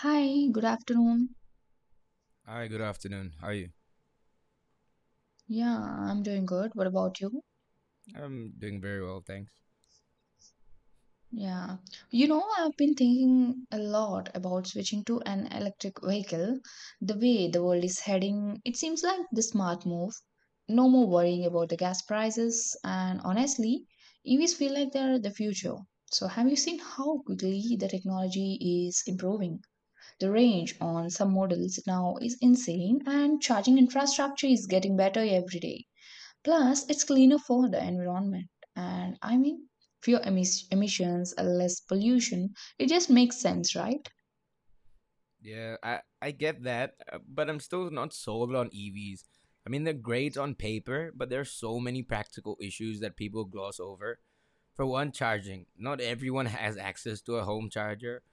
Hi, good afternoon. Hi, good afternoon. How are you? Yeah, I'm doing good. What about you? I'm doing very well, thanks. Yeah. You know, I've been thinking a lot about switching to an electric vehicle. The way the world is heading, it seems like the smart move. No more worrying about the gas prices, and honestly, EVs feel like they're the future. So, have you seen how quickly the technology is improving? The range on some models now is insane, and charging infrastructure is getting better every day. Plus, it's cleaner for the environment. And I mean, emissions, less pollution. It just makes sense, right? Yeah, I get that, but I'm still not sold on EVs. I mean, they're great on paper, but there are so many practical issues that people gloss over. For one, charging. Not everyone has access to a home charger.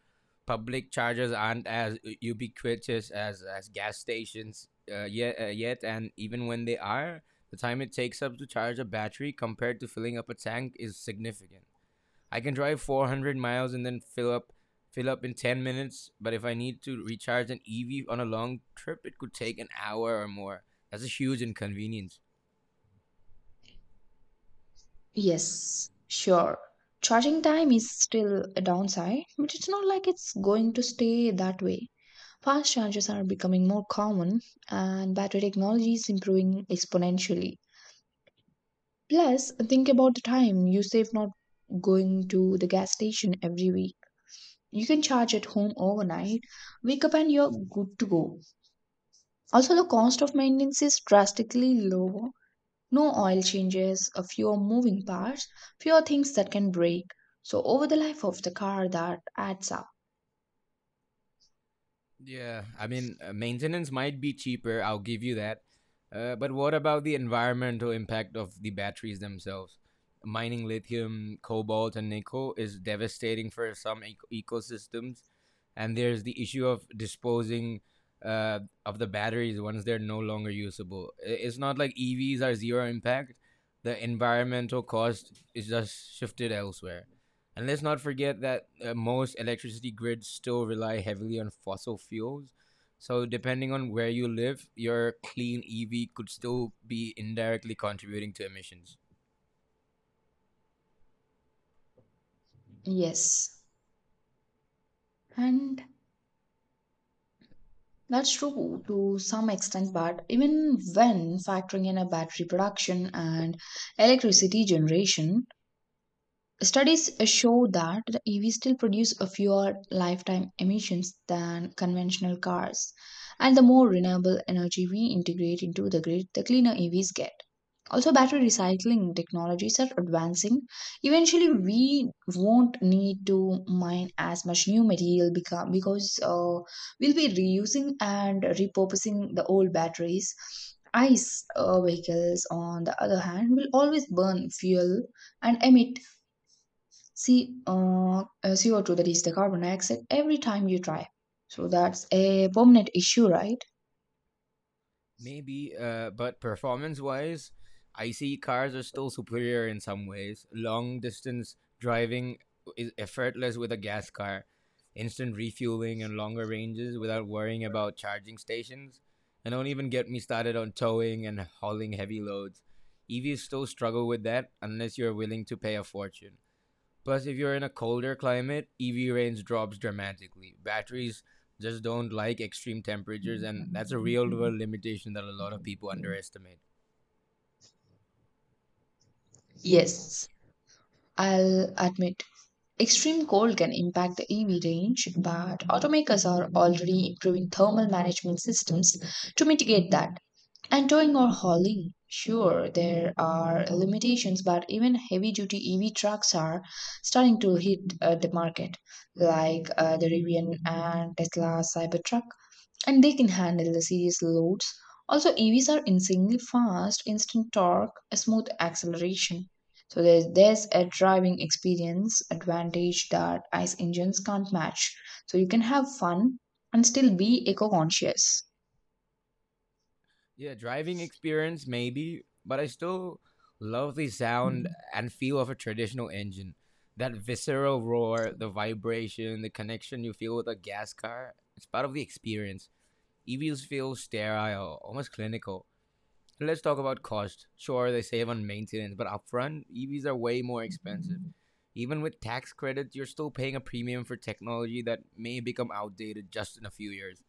Public chargers aren't ubiquitous as gas stations yet, and even when they are, the time it takes up to charge a battery compared to filling up a tank is significant. I can drive 400 miles and then fill up in 10 minutes, but if I need to recharge an EV on a long trip, it could take an hour or more. That's a huge inconvenience. Yes, sure. Charging time is still a downside, but it's not like it's going to stay that way. Fast chargers are becoming more common, and battery technology is improving exponentially. Plus, think about the time you save not going to the gas station every week. You can charge at home overnight, wake up, and you're good to go. Also, the cost of maintenance is drastically lower. No oil changes, a fewer moving parts, fewer things that can break. So, over the life of the car, that adds up. Yeah, I mean, maintenance might be cheaper, I'll give you that. But what about the environmental impact of the batteries themselves? Mining lithium, cobalt, and nickel is devastating for some ecosystems. And there's the issue of disposing of the batteries once they're no longer usable. It's not like EVs are zero impact. The environmental cost is just shifted elsewhere. And let's not forget that most electricity grids still rely heavily on fossil fuels. So, depending on where you live, your clean EV could still be indirectly contributing to emissions. Yes, and that's true to some extent, but even when factoring in a battery production and electricity generation, studies show that the EVs still produce a fewer lifetime emissions than conventional cars. And the more renewable energy we integrate into the grid, the cleaner EVs get. Also, battery recycling technologies are advancing. Eventually, we won't need to mine as much new material become, because we'll be reusing and repurposing the old batteries. ICE vehicles, on the other hand, will always burn fuel and emit. See, CO2, that is the carbon dioxide, every time you drive. So that's a permanent issue, right? Maybe, but performance wise, IC cars are still superior in some ways. Long distance driving is effortless with a gas car, instant refueling and longer ranges without worrying about charging stations. And don't even get me started on towing and hauling heavy loads. EVs still struggle with that unless you're willing to pay a fortune. Plus, if you're in a colder climate, EV range drops dramatically. Batteries just don't like extreme temperatures, and that's a real world limitation that a lot of people underestimate. Yes, I'll admit. Extreme cold can impact the EV range, but automakers are already improving thermal management systems to mitigate that. And towing or hauling, sure, there are limitations, but even heavy duty EV trucks are starting to hit the market, like the Rivian and Tesla Cybertruck, and they can handle the serious loads. Also, EVs are insanely fast, instant torque, a smooth acceleration. So there's a driving experience advantage that ICE engines can't match. So you can have fun and still be eco-conscious. Yeah, driving experience, maybe, but I still love the sound and feel of a traditional engine. That visceral roar, the vibration, the connection you feel with a gas car, it's part of the experience. EVs feel sterile, almost clinical. Let's talk about cost. Sure, they save on maintenance, but upfront, EVs are way more expensive. Even with tax credits, you're still paying a premium for technology that may become outdated just in a few years.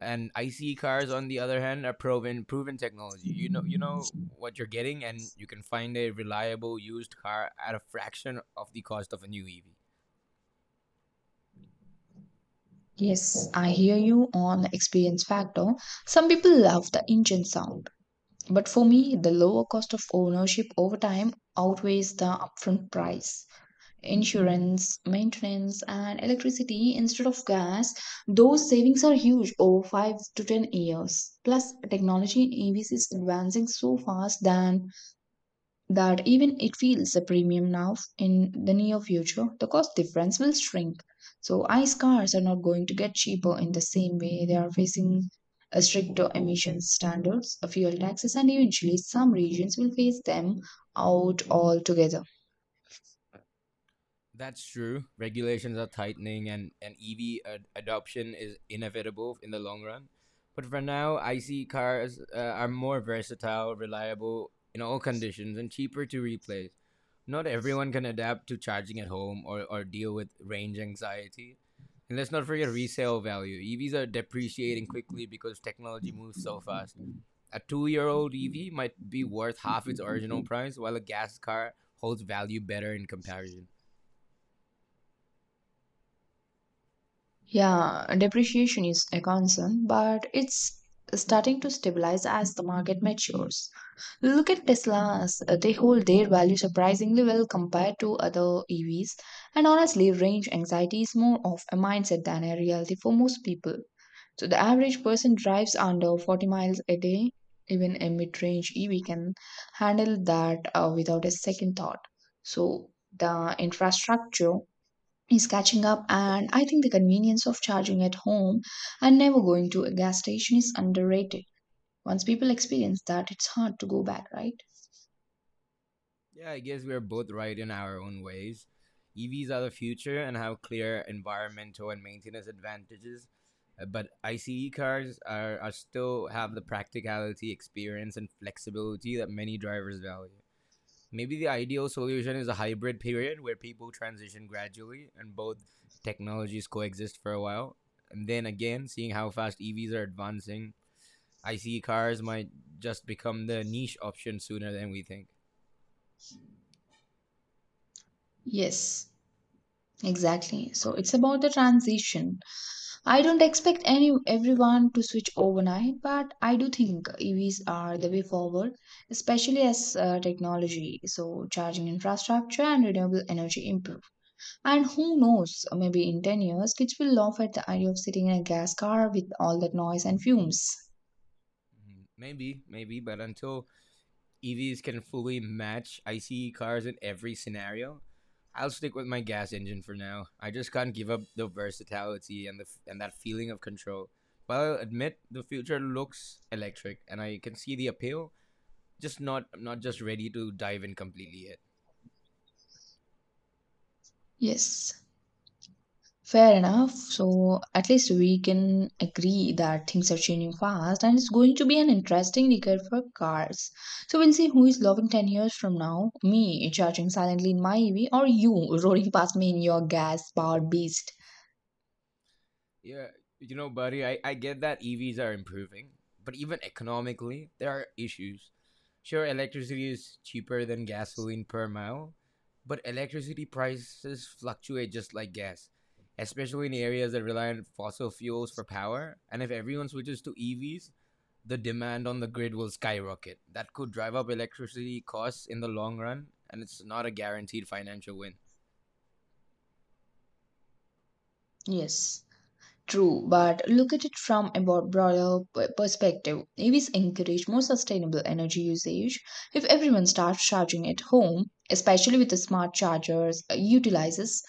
And ICE cars, on the other hand, are proven technology. You know what you're getting, and you can find a reliable used car at a fraction of the cost of a new EV. Yes, I hear you on the experience factor. Some people love the engine sound, but for me, the lower cost of ownership over time outweighs the upfront price. Insurance, maintenance, and electricity instead of gas, those savings are huge over 5 to 10 years. Plus, technology in EVs is advancing so fast than that even it feels a premium now in the near future, the cost difference will shrink. So, ICE cars are not going to get cheaper in the same way. They are facing a stricter emissions standards, a fuel taxes, and eventually some regions will phase them out altogether. That's true. Regulations are tightening, and EV adoption is inevitable in the long run. But for now, ICE cars are more versatile, reliable in all conditions, and cheaper to replace. Not everyone can adapt to charging at home or deal with range anxiety. And let's not forget resale value. EVs are depreciating quickly because technology moves so fast. A 2 year old EV might be worth half its original price, while a gas car holds value better in comparison. Yeah, depreciation is a concern, but it's starting to stabilize as the market matures. Look at Teslas, they hold their value surprisingly well compared to other EVs, and honestly, range anxiety is more of a mindset than a reality for most people. So the average person drives under 40 miles a day. Even a mid-range EV can handle that without a second thought. So the infrastructure is catching up, and I think the convenience of charging at home and never going to a gas station is underrated. Once people experience that, it's hard to go back, right? Yeah, I guess we're both right in our own ways. EVs are the future and have clear environmental and maintenance advantages, but ICE cars are still have the practicality, experience, and flexibility that many drivers value. Maybe the ideal solution is a hybrid period where people transition gradually and both technologies coexist for a while. And then again, seeing how fast EVs are advancing, ICE cars might just become the niche option sooner than we think. Yes, exactly. So it's about the transition. I don't expect any everyone to switch overnight, but I do think EVs are the way forward, especially as technology so charging infrastructure and renewable energy improve. And who knows, maybe in 10 years, kids will laugh at the idea of sitting in a gas car with all that noise and fumes. Mm-hmm. Maybe, but until EVs can fully match ICE cars in every scenario, I'll stick with my gas engine for now. I just can't give up the versatility and the and that feeling of control. But I'll admit the future looks electric, and I can see the appeal. Just not, I'm not just ready to dive in completely yet. Yes, fair enough. So at least we can agree that things are changing fast and it's going to be an interesting decade for cars. So we'll see who is loving 10 years from now, me charging silently in my EV, or you rolling past me in your gas powered beast. Yeah, you know, buddy, I get that EVs are improving, but even economically, there are issues. Sure, electricity is cheaper than gasoline per mile, but electricity prices fluctuate just like gas, especially in areas that rely on fossil fuels for power. And if everyone switches to EVs, the demand on the grid will skyrocket. That could drive up electricity costs in the long run, and it's not a guaranteed financial win. Yes. True, but look at it from a broader perspective. EVs encourage more sustainable energy usage. If everyone starts charging at home, especially with the smart chargers, utilizes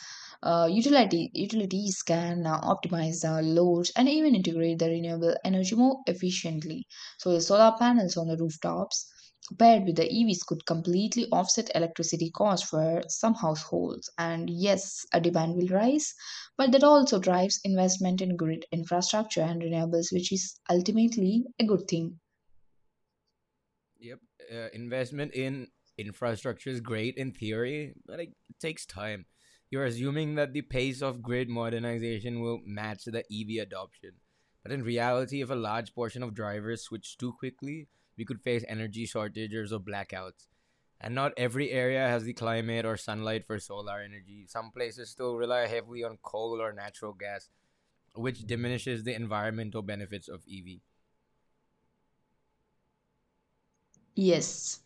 utility utilities can optimize the loads and even integrate the renewable energy more efficiently. So the solar panels on the rooftops paired with the EVs could completely offset electricity costs for some households. And yes, a demand will rise, but that also drives investment in grid infrastructure and renewables, which is ultimately a good thing. Yep. Investment in infrastructure is great in theory, but it takes time. You're assuming that the pace of grid modernization will match the EV adoption. But in reality, if a large portion of drivers switch too quickly, we could face energy shortages or blackouts. And not every area has the climate or sunlight for solar energy. Some places still rely heavily on coal or natural gas, which diminishes the environmental benefits of EV. Yes.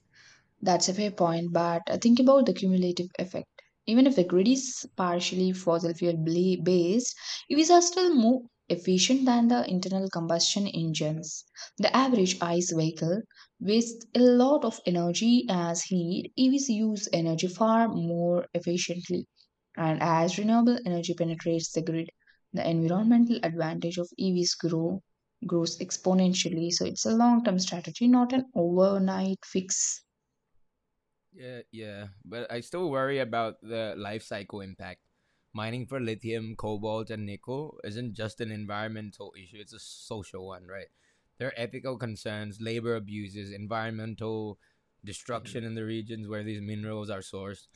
That's a fair point, but think about the cumulative effect. Even if the grid is partially fossil fuel based, EVs are still more efficient than the internal combustion engines. The average ICE vehicle wastes a lot of energy as heat. EVs use energy far more efficiently. And as renewable energy penetrates the grid, the environmental advantage of EVs grows exponentially. So it's a long-term strategy, not an overnight fix. Yeah, but I still worry about the life cycle impact. Mining for lithium, cobalt, and nickel isn't just an environmental issue, it's a social one, right? There are ethical concerns, labor abuses, environmental destruction in the regions where these minerals are sourced.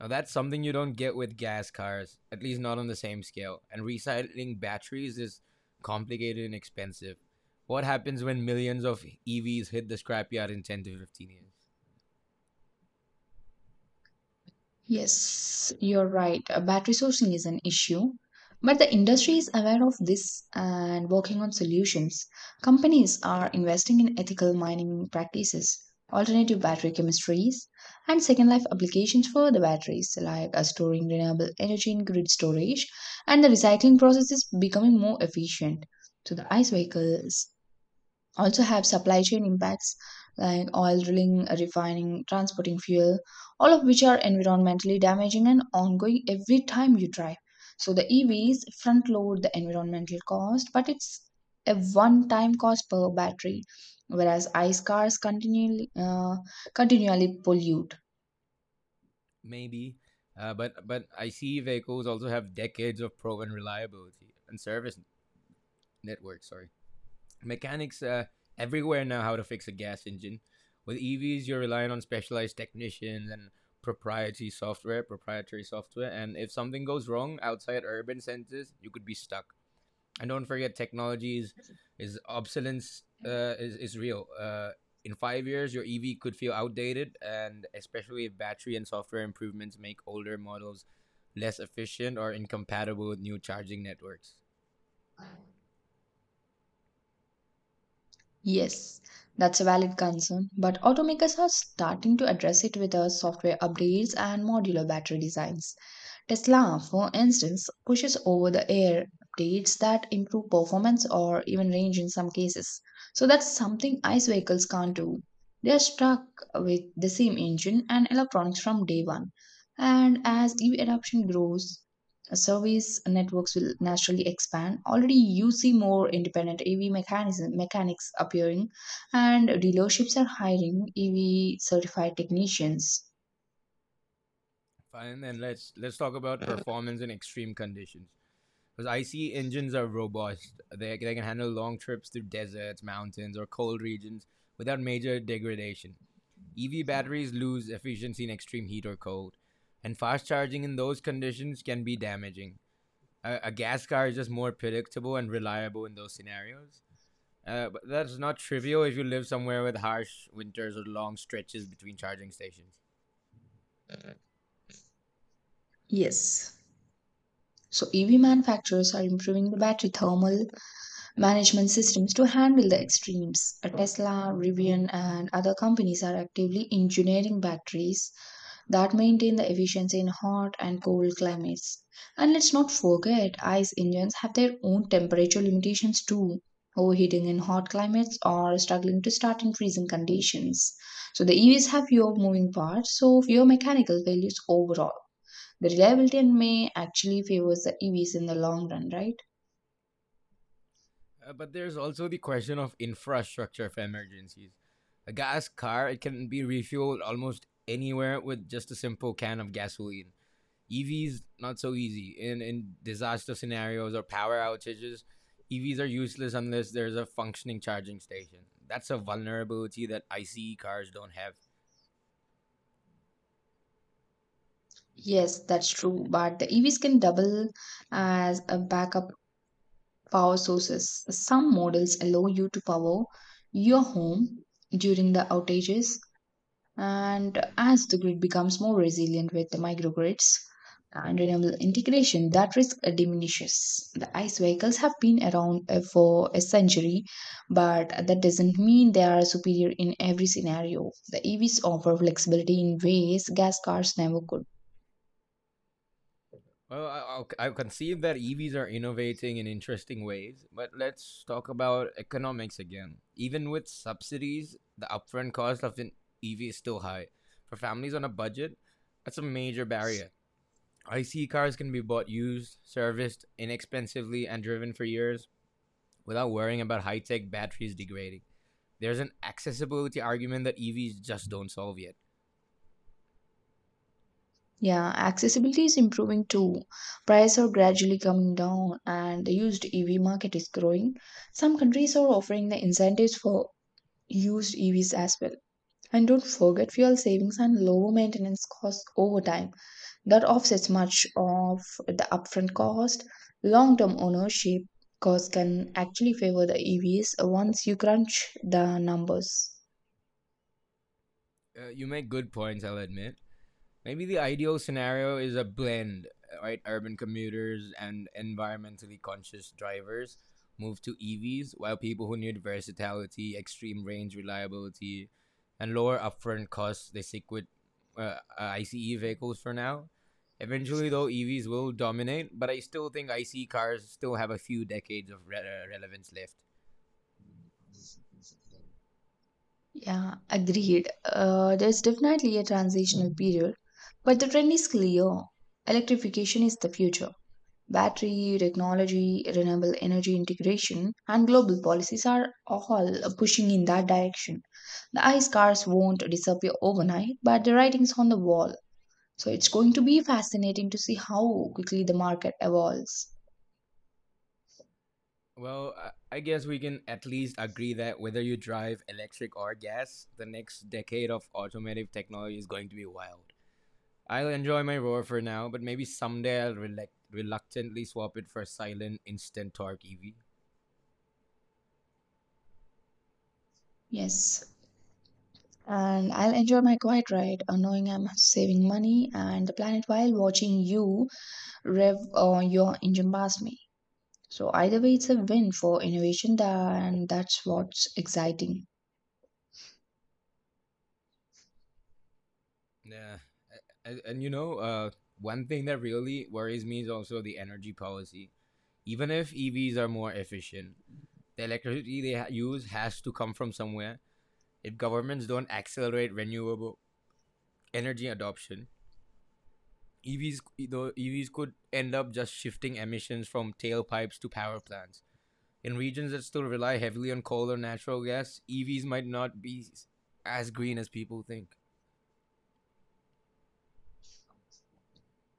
Now, that's something you don't get with gas cars, at least not on the same scale. And recycling batteries is complicated and expensive. What happens when millions of EVs hit the scrapyard in 10 to 15 years? Yes, you're right. Battery sourcing is an issue, but the industry is aware of this and working on solutions. Companies are investing in ethical mining practices, alternative battery chemistries, and second life applications for the batteries, like storing renewable energy in grid storage, and the recycling process is becoming more efficient. So the ICE vehicles also have supply chain impacts like oil drilling, refining, transporting fuel, all of which are environmentally damaging and ongoing every time you drive. So the EVs front load the environmental cost, but it's a one time cost per battery, whereas ICE cars continually pollute. Maybe. But I see vehicles also have decades of proven reliability and service network. Sorry, mechanics everywhere know how to fix a gas engine. With EVs, you're relying on specialized technicians and proprietary software. And if something goes wrong outside urban centers, you could be stuck. And don't forget technologies is obsolescence is real. In 5 years your EV could feel outdated, and especially if battery and software improvements make older models less efficient or incompatible with new charging networks. Yes, that's a valid concern, but automakers are starting to address it with software upgrades and modular battery designs. Tesla, for instance, pushes over the air updates that improve performance or even range in some cases. So that's something ICE vehicles can't do. They are stuck with the same engine and electronics from day one. And as EV adoption grows, service networks will naturally expand. Already, you see more independent mechanics appearing, and dealerships are hiring EV certified technicians. Fine, then let's talk about performance in extreme conditions because IC engines are robust. They can handle long trips through deserts, mountains, or cold regions without major degradation. EV batteries lose efficiency in extreme heat or cold, and fast charging in those conditions can be damaging. A gas car is just more predictable and reliable in those scenarios. But that's not trivial if you live somewhere with harsh winters or long stretches between charging stations. Yes, so EV manufacturers are improving the battery thermal management systems to handle the extremes. Tesla, Rivian, and other companies are actively engineering batteries that maintain the efficiency in hot and cold climates. And let's not forget, ICE engines have their own temperature limitations too, overheating in hot climates or struggling to start in freezing conditions. So the EVs have fewer moving parts, so fewer mechanical failures overall. The reliability and may actually favors the EVs in the long run, right? But there's also the question of infrastructure for emergencies. A gas car, it can be refueled almost anywhere with just a simple can of gasoline. EVs not so easy in disaster scenarios or power outages. EVs are useless unless there's a functioning charging station. That's a vulnerability that ICE cars don't have. Yes, that's true. But the EVs can double as a backup power sources. Some models allow you to power your home during the outages. And as the grid becomes more resilient with the microgrids and renewable integration, that risk diminishes. The ICE vehicles have been around for a century, but that doesn't mean they are superior in every scenario. The EVs offer flexibility in ways gas cars never could. Well, I'll concede that EVs are innovating in interesting ways, but let's talk about economics again. Even with subsidies, the upfront cost of an EV is still high. For families on a budget, that's a major barrier. ICE cars can be bought used, serviced inexpensively, and driven for years without worrying about high tech batteries degrading. There's an accessibility argument that EVs just don't solve yet. Yeah, accessibility is improving too. Prices are gradually coming down, and the used EV market is growing. Some countries are offering the incentives for used EVs as well. And don't forget fuel savings and low maintenance costs over time. That offsets much of the upfront cost. Long term ownership costs can actually favor the EVs once you crunch the numbers. You make good points, I'll admit. Maybe the ideal scenario is a blend, right? Urban commuters and environmentally conscious drivers move to EVs, while people who need versatility, extreme range reliability, and lower upfront costs, they stick with ICE vehicles for now. Eventually, though, EVs will dominate, but I still think ICE cars still have a few decades of relevance left. Yeah, agreed. There's definitely a transitional period, but the trend is clear. Electrification is the future. Battery technology, renewable energy integration, and global policies are all pushing in that direction. The ice scars won't disappear overnight, but the writing's on the wall. So it's going to be fascinating to see how quickly the market evolves. Well, I guess we can at least agree that whether you drive electric or gas, the next decade of automotive technology is going to be wild. I'll enjoy my roar for now, but maybe someday I'll reluctantly swap it for a silent instant torque EV. Yes. And I'll enjoy my quiet ride, knowing I'm saving money and the planet while watching you rev your engine past me. So either way, it's a win for innovation, and that's what's exciting. Yeah, and you know, one thing that really worries me is also the energy policy. Even if EVs are more efficient, the electricity they use has to come from somewhere. If governments don't accelerate renewable energy adoption, the EVs could end up just shifting emissions from tailpipes to power plants. In regions that still rely heavily on coal or natural gas, EVs might not be as green as people think.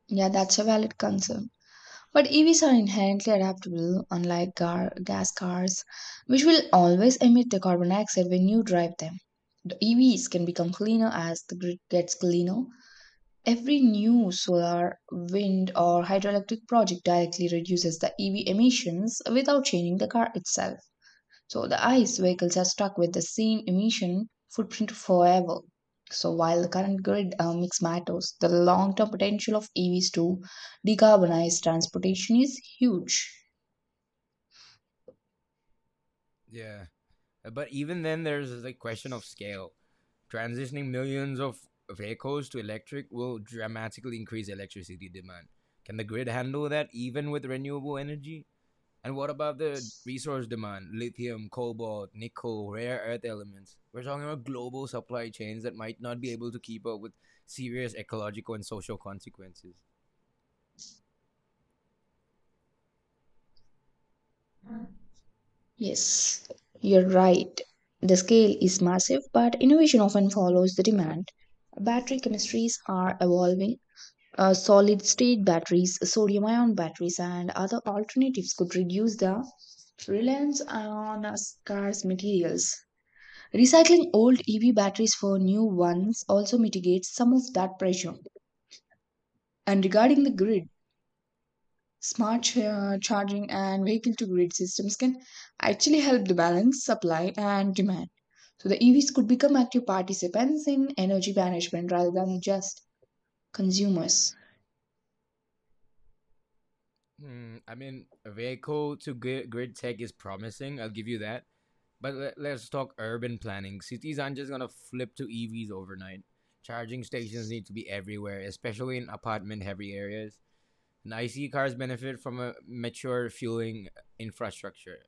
Yeah, that's a valid concern. But EVs are inherently adaptable, unlike gas cars, which will always emit the carbon dioxide when you drive them. The EVs can become cleaner as the grid gets cleaner. Every new solar, wind, or hydroelectric project directly reduces the EV emissions without changing the car itself. So the ICE vehicles are stuck with the same emission footprint forever. So while the current grid mix matters, the long-term potential of EVs to decarbonize transportation is huge. Yeah, but even then, there's the question of scale. Transitioning millions of vehicles to electric will dramatically increase electricity demand. Can the grid handle that even with renewable energy? And what about the resource demand? Lithium, cobalt, nickel, rare earth elements. We're talking about global supply chains that might not be able to keep up with serious ecological and social consequences. Yes, you're right. The scale is massive, but innovation often follows the demand. Battery chemistries are evolving. Solid state batteries, sodium ion batteries, and other alternatives could reduce the reliance on scarce materials. Recycling old EV batteries for new ones also mitigates some of that pressure. And regarding the grid, charging and vehicle to grid systems can actually help the balance supply and demand. So the EVs could become active participants in energy management rather than just consumers. Hmm, I mean, vehicle to grid tech is promising, I'll give you that. But let's talk urban planning. Cities aren't just going to flip to EVs overnight. Charging stations need to be everywhere, especially in apartment heavy areas. And IC cars benefit from a mature fueling infrastructure.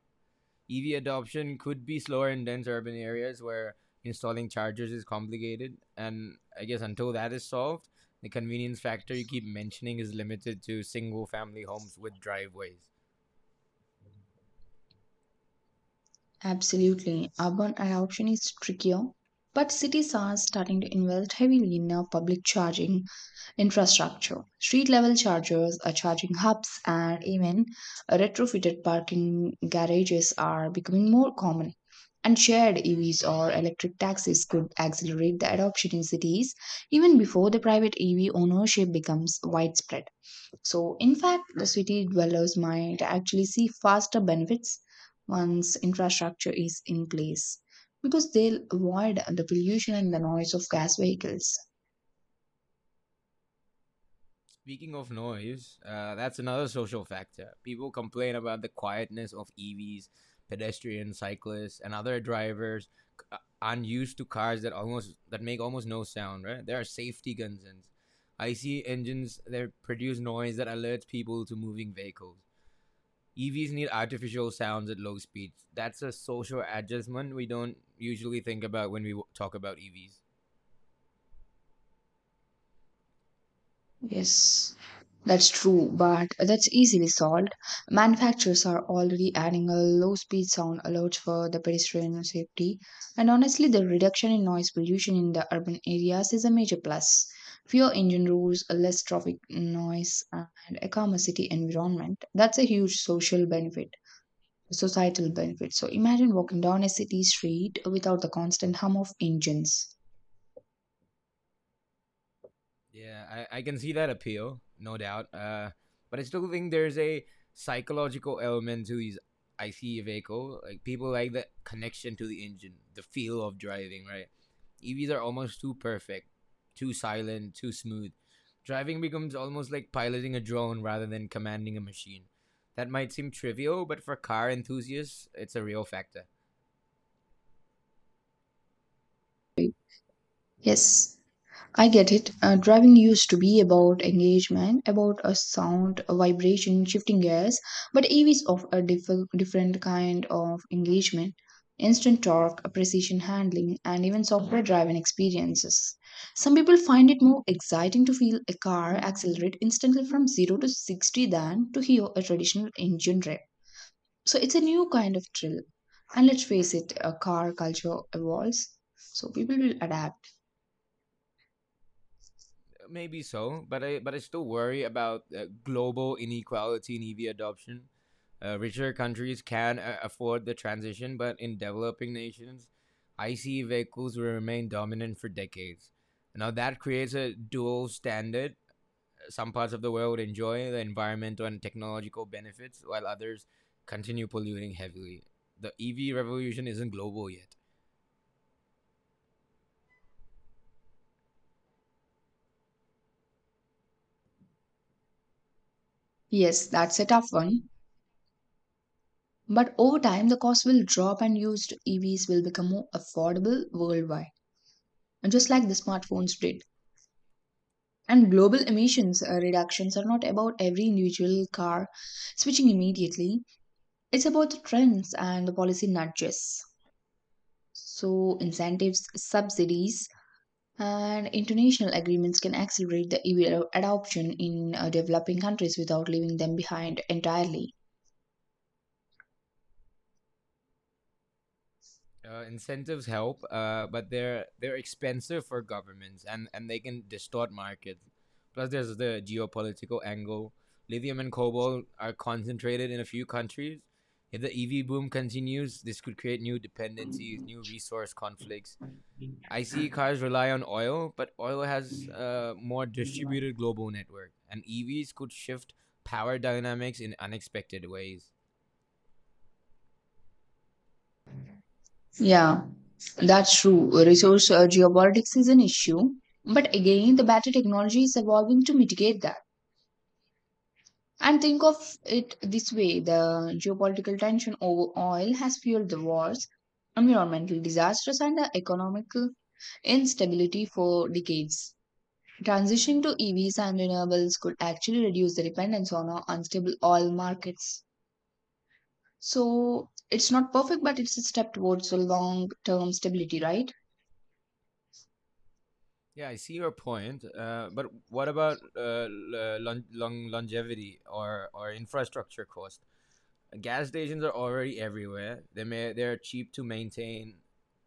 EV adoption could be slower in dense urban areas where installing chargers is complicated. And I guess until that is solved, the convenience factor you keep mentioning is limited to single family homes with driveways. Absolutely. Urban adoption is trickier, but cities are starting to invest heavily in public charging infrastructure. Street level chargers, charging hubs, and even retrofitted parking garages are becoming more common. And shared EVs or electric taxis could accelerate the adoption in cities even before the private EV ownership becomes widespread. So, in fact, the city dwellers might actually see faster benefits once infrastructure is in place because they'll avoid the pollution and the noise of gas vehicles. Speaking of noise, that's another social factor. People complain about the quietness of EVs. Pedestrians, cyclists, and other drivers c- uh, unused to cars that almost that make almost no sound, right? There are safety concerns. IC engines that produce noise that alerts people to moving vehicles. EVs need artificial sounds at low speeds. That's a social adjustment we don't usually think about when we talk about EVs. Yes, that's true, but that's easily solved. Manufacturers are already adding a low speed sound alert for the pedestrian safety, and honestly, the reduction in noise pollution in the urban areas is a major plus. Fewer engine roars, less traffic noise, and a calmer city environment. That's a huge social benefit, societal benefit. So imagine walking down a city street without the constant hum of engines. Yeah, I can see that appeal, no doubt. But I still think there's a psychological element to these ICE vehicle. Like people like the connection to the engine, the feel of driving, right? EVs are almost too perfect, too silent, too smooth. Driving becomes almost like piloting a drone rather than commanding a machine. That might seem trivial, but for car enthusiasts, it's a real factor. Yes, I get it. Driving used to be about engagement, about a sound, a vibration, shifting gears, but EVs of a different kind of engagement. Instant torque, a precision handling, and even software driven experiences. Some people find it more exciting to feel a car accelerate instantly from 0 to 60 than to hear a traditional engine rev. So it's a new kind of thrill. And let's face it, a car culture evolves, so people will adapt. Maybe so, but I still worry about global inequality in EV adoption. Richer countries can afford the transition, but in developing nations, ICE vehicles will remain dominant for decades. Now that creates a dual standard. Some parts of the world enjoy the environmental and technological benefits while others continue polluting heavily. The EV revolution isn't global yet. Yes, that's a tough one. But over time, the cost will drop and used EVs will become more affordable worldwide, and just like the smartphones did. And global emissions reductions are not about every individual car switching immediately, it's about the trends and the policy nudges. So, incentives, subsidies, and international agreements can accelerate the EV adoption in developing countries without leaving them behind entirely. Incentives help, but they're expensive for governments, and they can distort markets. Plus, there's the geopolitical angle. Lithium and cobalt are concentrated in a few countries. If the EV boom continues, this could create new dependencies, new resource conflicts. ICE cars rely on oil, but oil has a more distributed global network, and EVs could shift power dynamics in unexpected ways. Yeah, that's true. Resource geopolitics is an issue, but again, the battery technology is evolving to mitigate that. And think of it this way, the geopolitical tension over oil has fueled the wars, environmental disasters, and the economic instability for decades. Transitioning to EVs and renewables could actually reduce the dependence on our unstable oil markets. So, it's not perfect, but it's a step towards a long term stability, right? Yeah, I see your point. But what about longevity or infrastructure cost? Gas stations are already everywhere. They're cheap to maintain.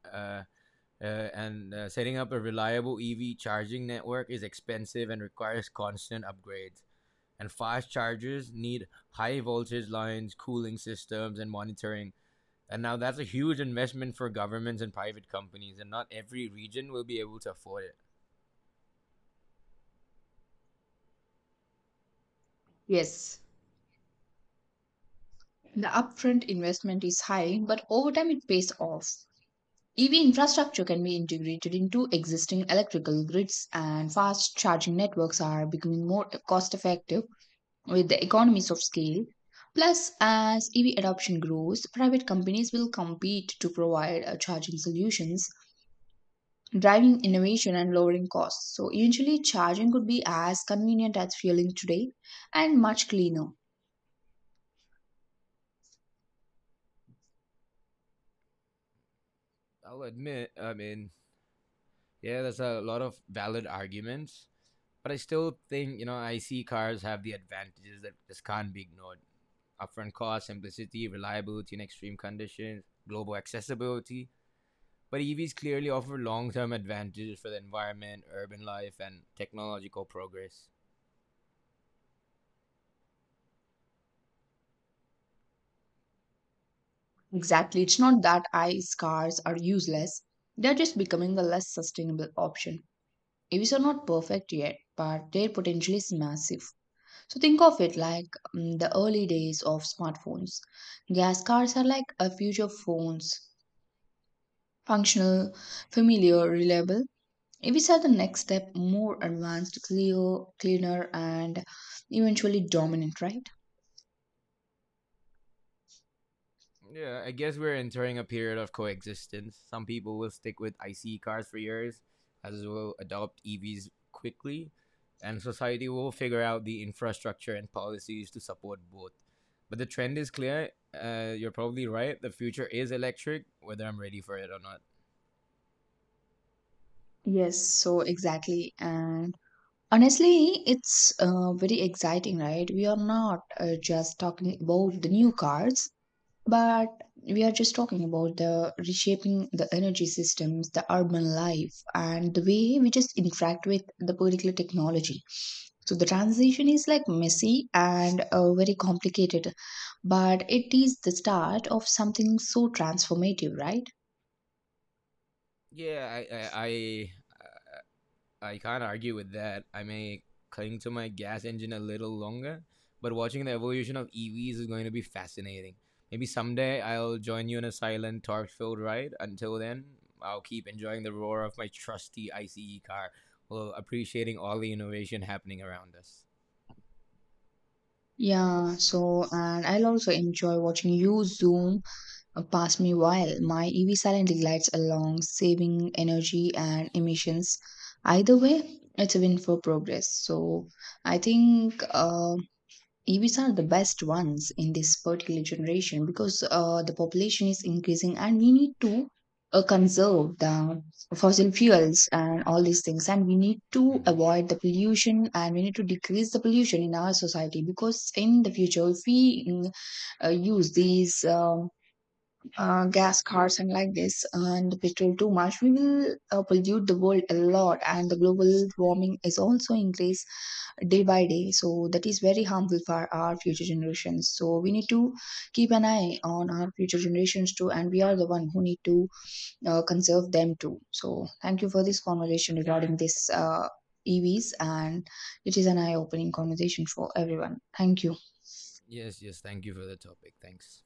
Uh, and Setting up a reliable EV charging network is expensive and requires constant upgrades. And fast chargers need high voltage lines, cooling systems, and monitoring. And now that's a huge investment for governments and private companies, and not every region will be able to afford it. Yes, the upfront investment is high, but over time it pays off. EV infrastructure can be integrated into existing electrical grids, and fast charging networks are becoming more cost effective with the economies of scale. Plus, as EV adoption grows, private companies will compete to provide charging solutions, driving innovation and lowering costs. So, eventually, charging could be as convenient as fueling today and much cleaner. I'll admit, I mean, yeah, there's a lot of valid arguments, but I still think, IC cars have the advantages that just can't be ignored. Upfront cost, simplicity, reliability in extreme conditions, global accessibility. But EVs clearly offer long term advantages for the environment, urban life, and technological progress. Exactly. It's not that ice cars are useless, they're just becoming the less sustainable option. EVs are not perfect yet, but their potential is massive. So think of it like the early days of smartphones. Gas cars are like a future phones, functional, familiar, reliable. EVs are the next step, more advanced, clear, cleaner, and eventually dominant, right? Yeah, I guess we're entering a period of coexistence. Some people will stick with IC cars for years, others will adopt EVs quickly, and society will figure out the infrastructure and policies to support both. But the trend is clear. You're probably right. The future is electric, whether I'm ready for it or not. Yes, so exactly. And honestly, it's very exciting, right? We are not just talking about the new cars, but we are just talking about the reshaping the energy systems, the urban life, and the way we just interact with the particular technology. So the transition is like messy and very complicated, but it is the start of something so transformative, right? Yeah, I can't argue with that. I may cling to my gas engine a little longer, but watching the evolution of EVs is going to be fascinating. Maybe someday I'll join you in a silent, torque filled ride. Until then, I'll keep enjoying the roar of my trusty ICE car while appreciating all the innovation happening around us. Yeah, so and I'll also enjoy watching you zoom pass me while my EV silently glides along, saving energy and emissions. Either way, it's a win for progress. So I think EVs are the best ones in this particular generation because the population is increasing and we need to conserve the fossil fuels and all these things. And we need to Hmm. avoid the pollution and we need to decrease the pollution in our society because in the future, if we use these, gas cars and like this and petrol too much, we will pollute the world a lot, and the global warming is also increase day by day, so that is very harmful for our future generations, so we need to keep an eye on our future generations too, and we are the one who need to conserve them too. So thank you for this conversation regarding this EVs, and it is an eye-opening conversation for everyone. Thank you. Yes, yes, thank you for the topic. Thanks.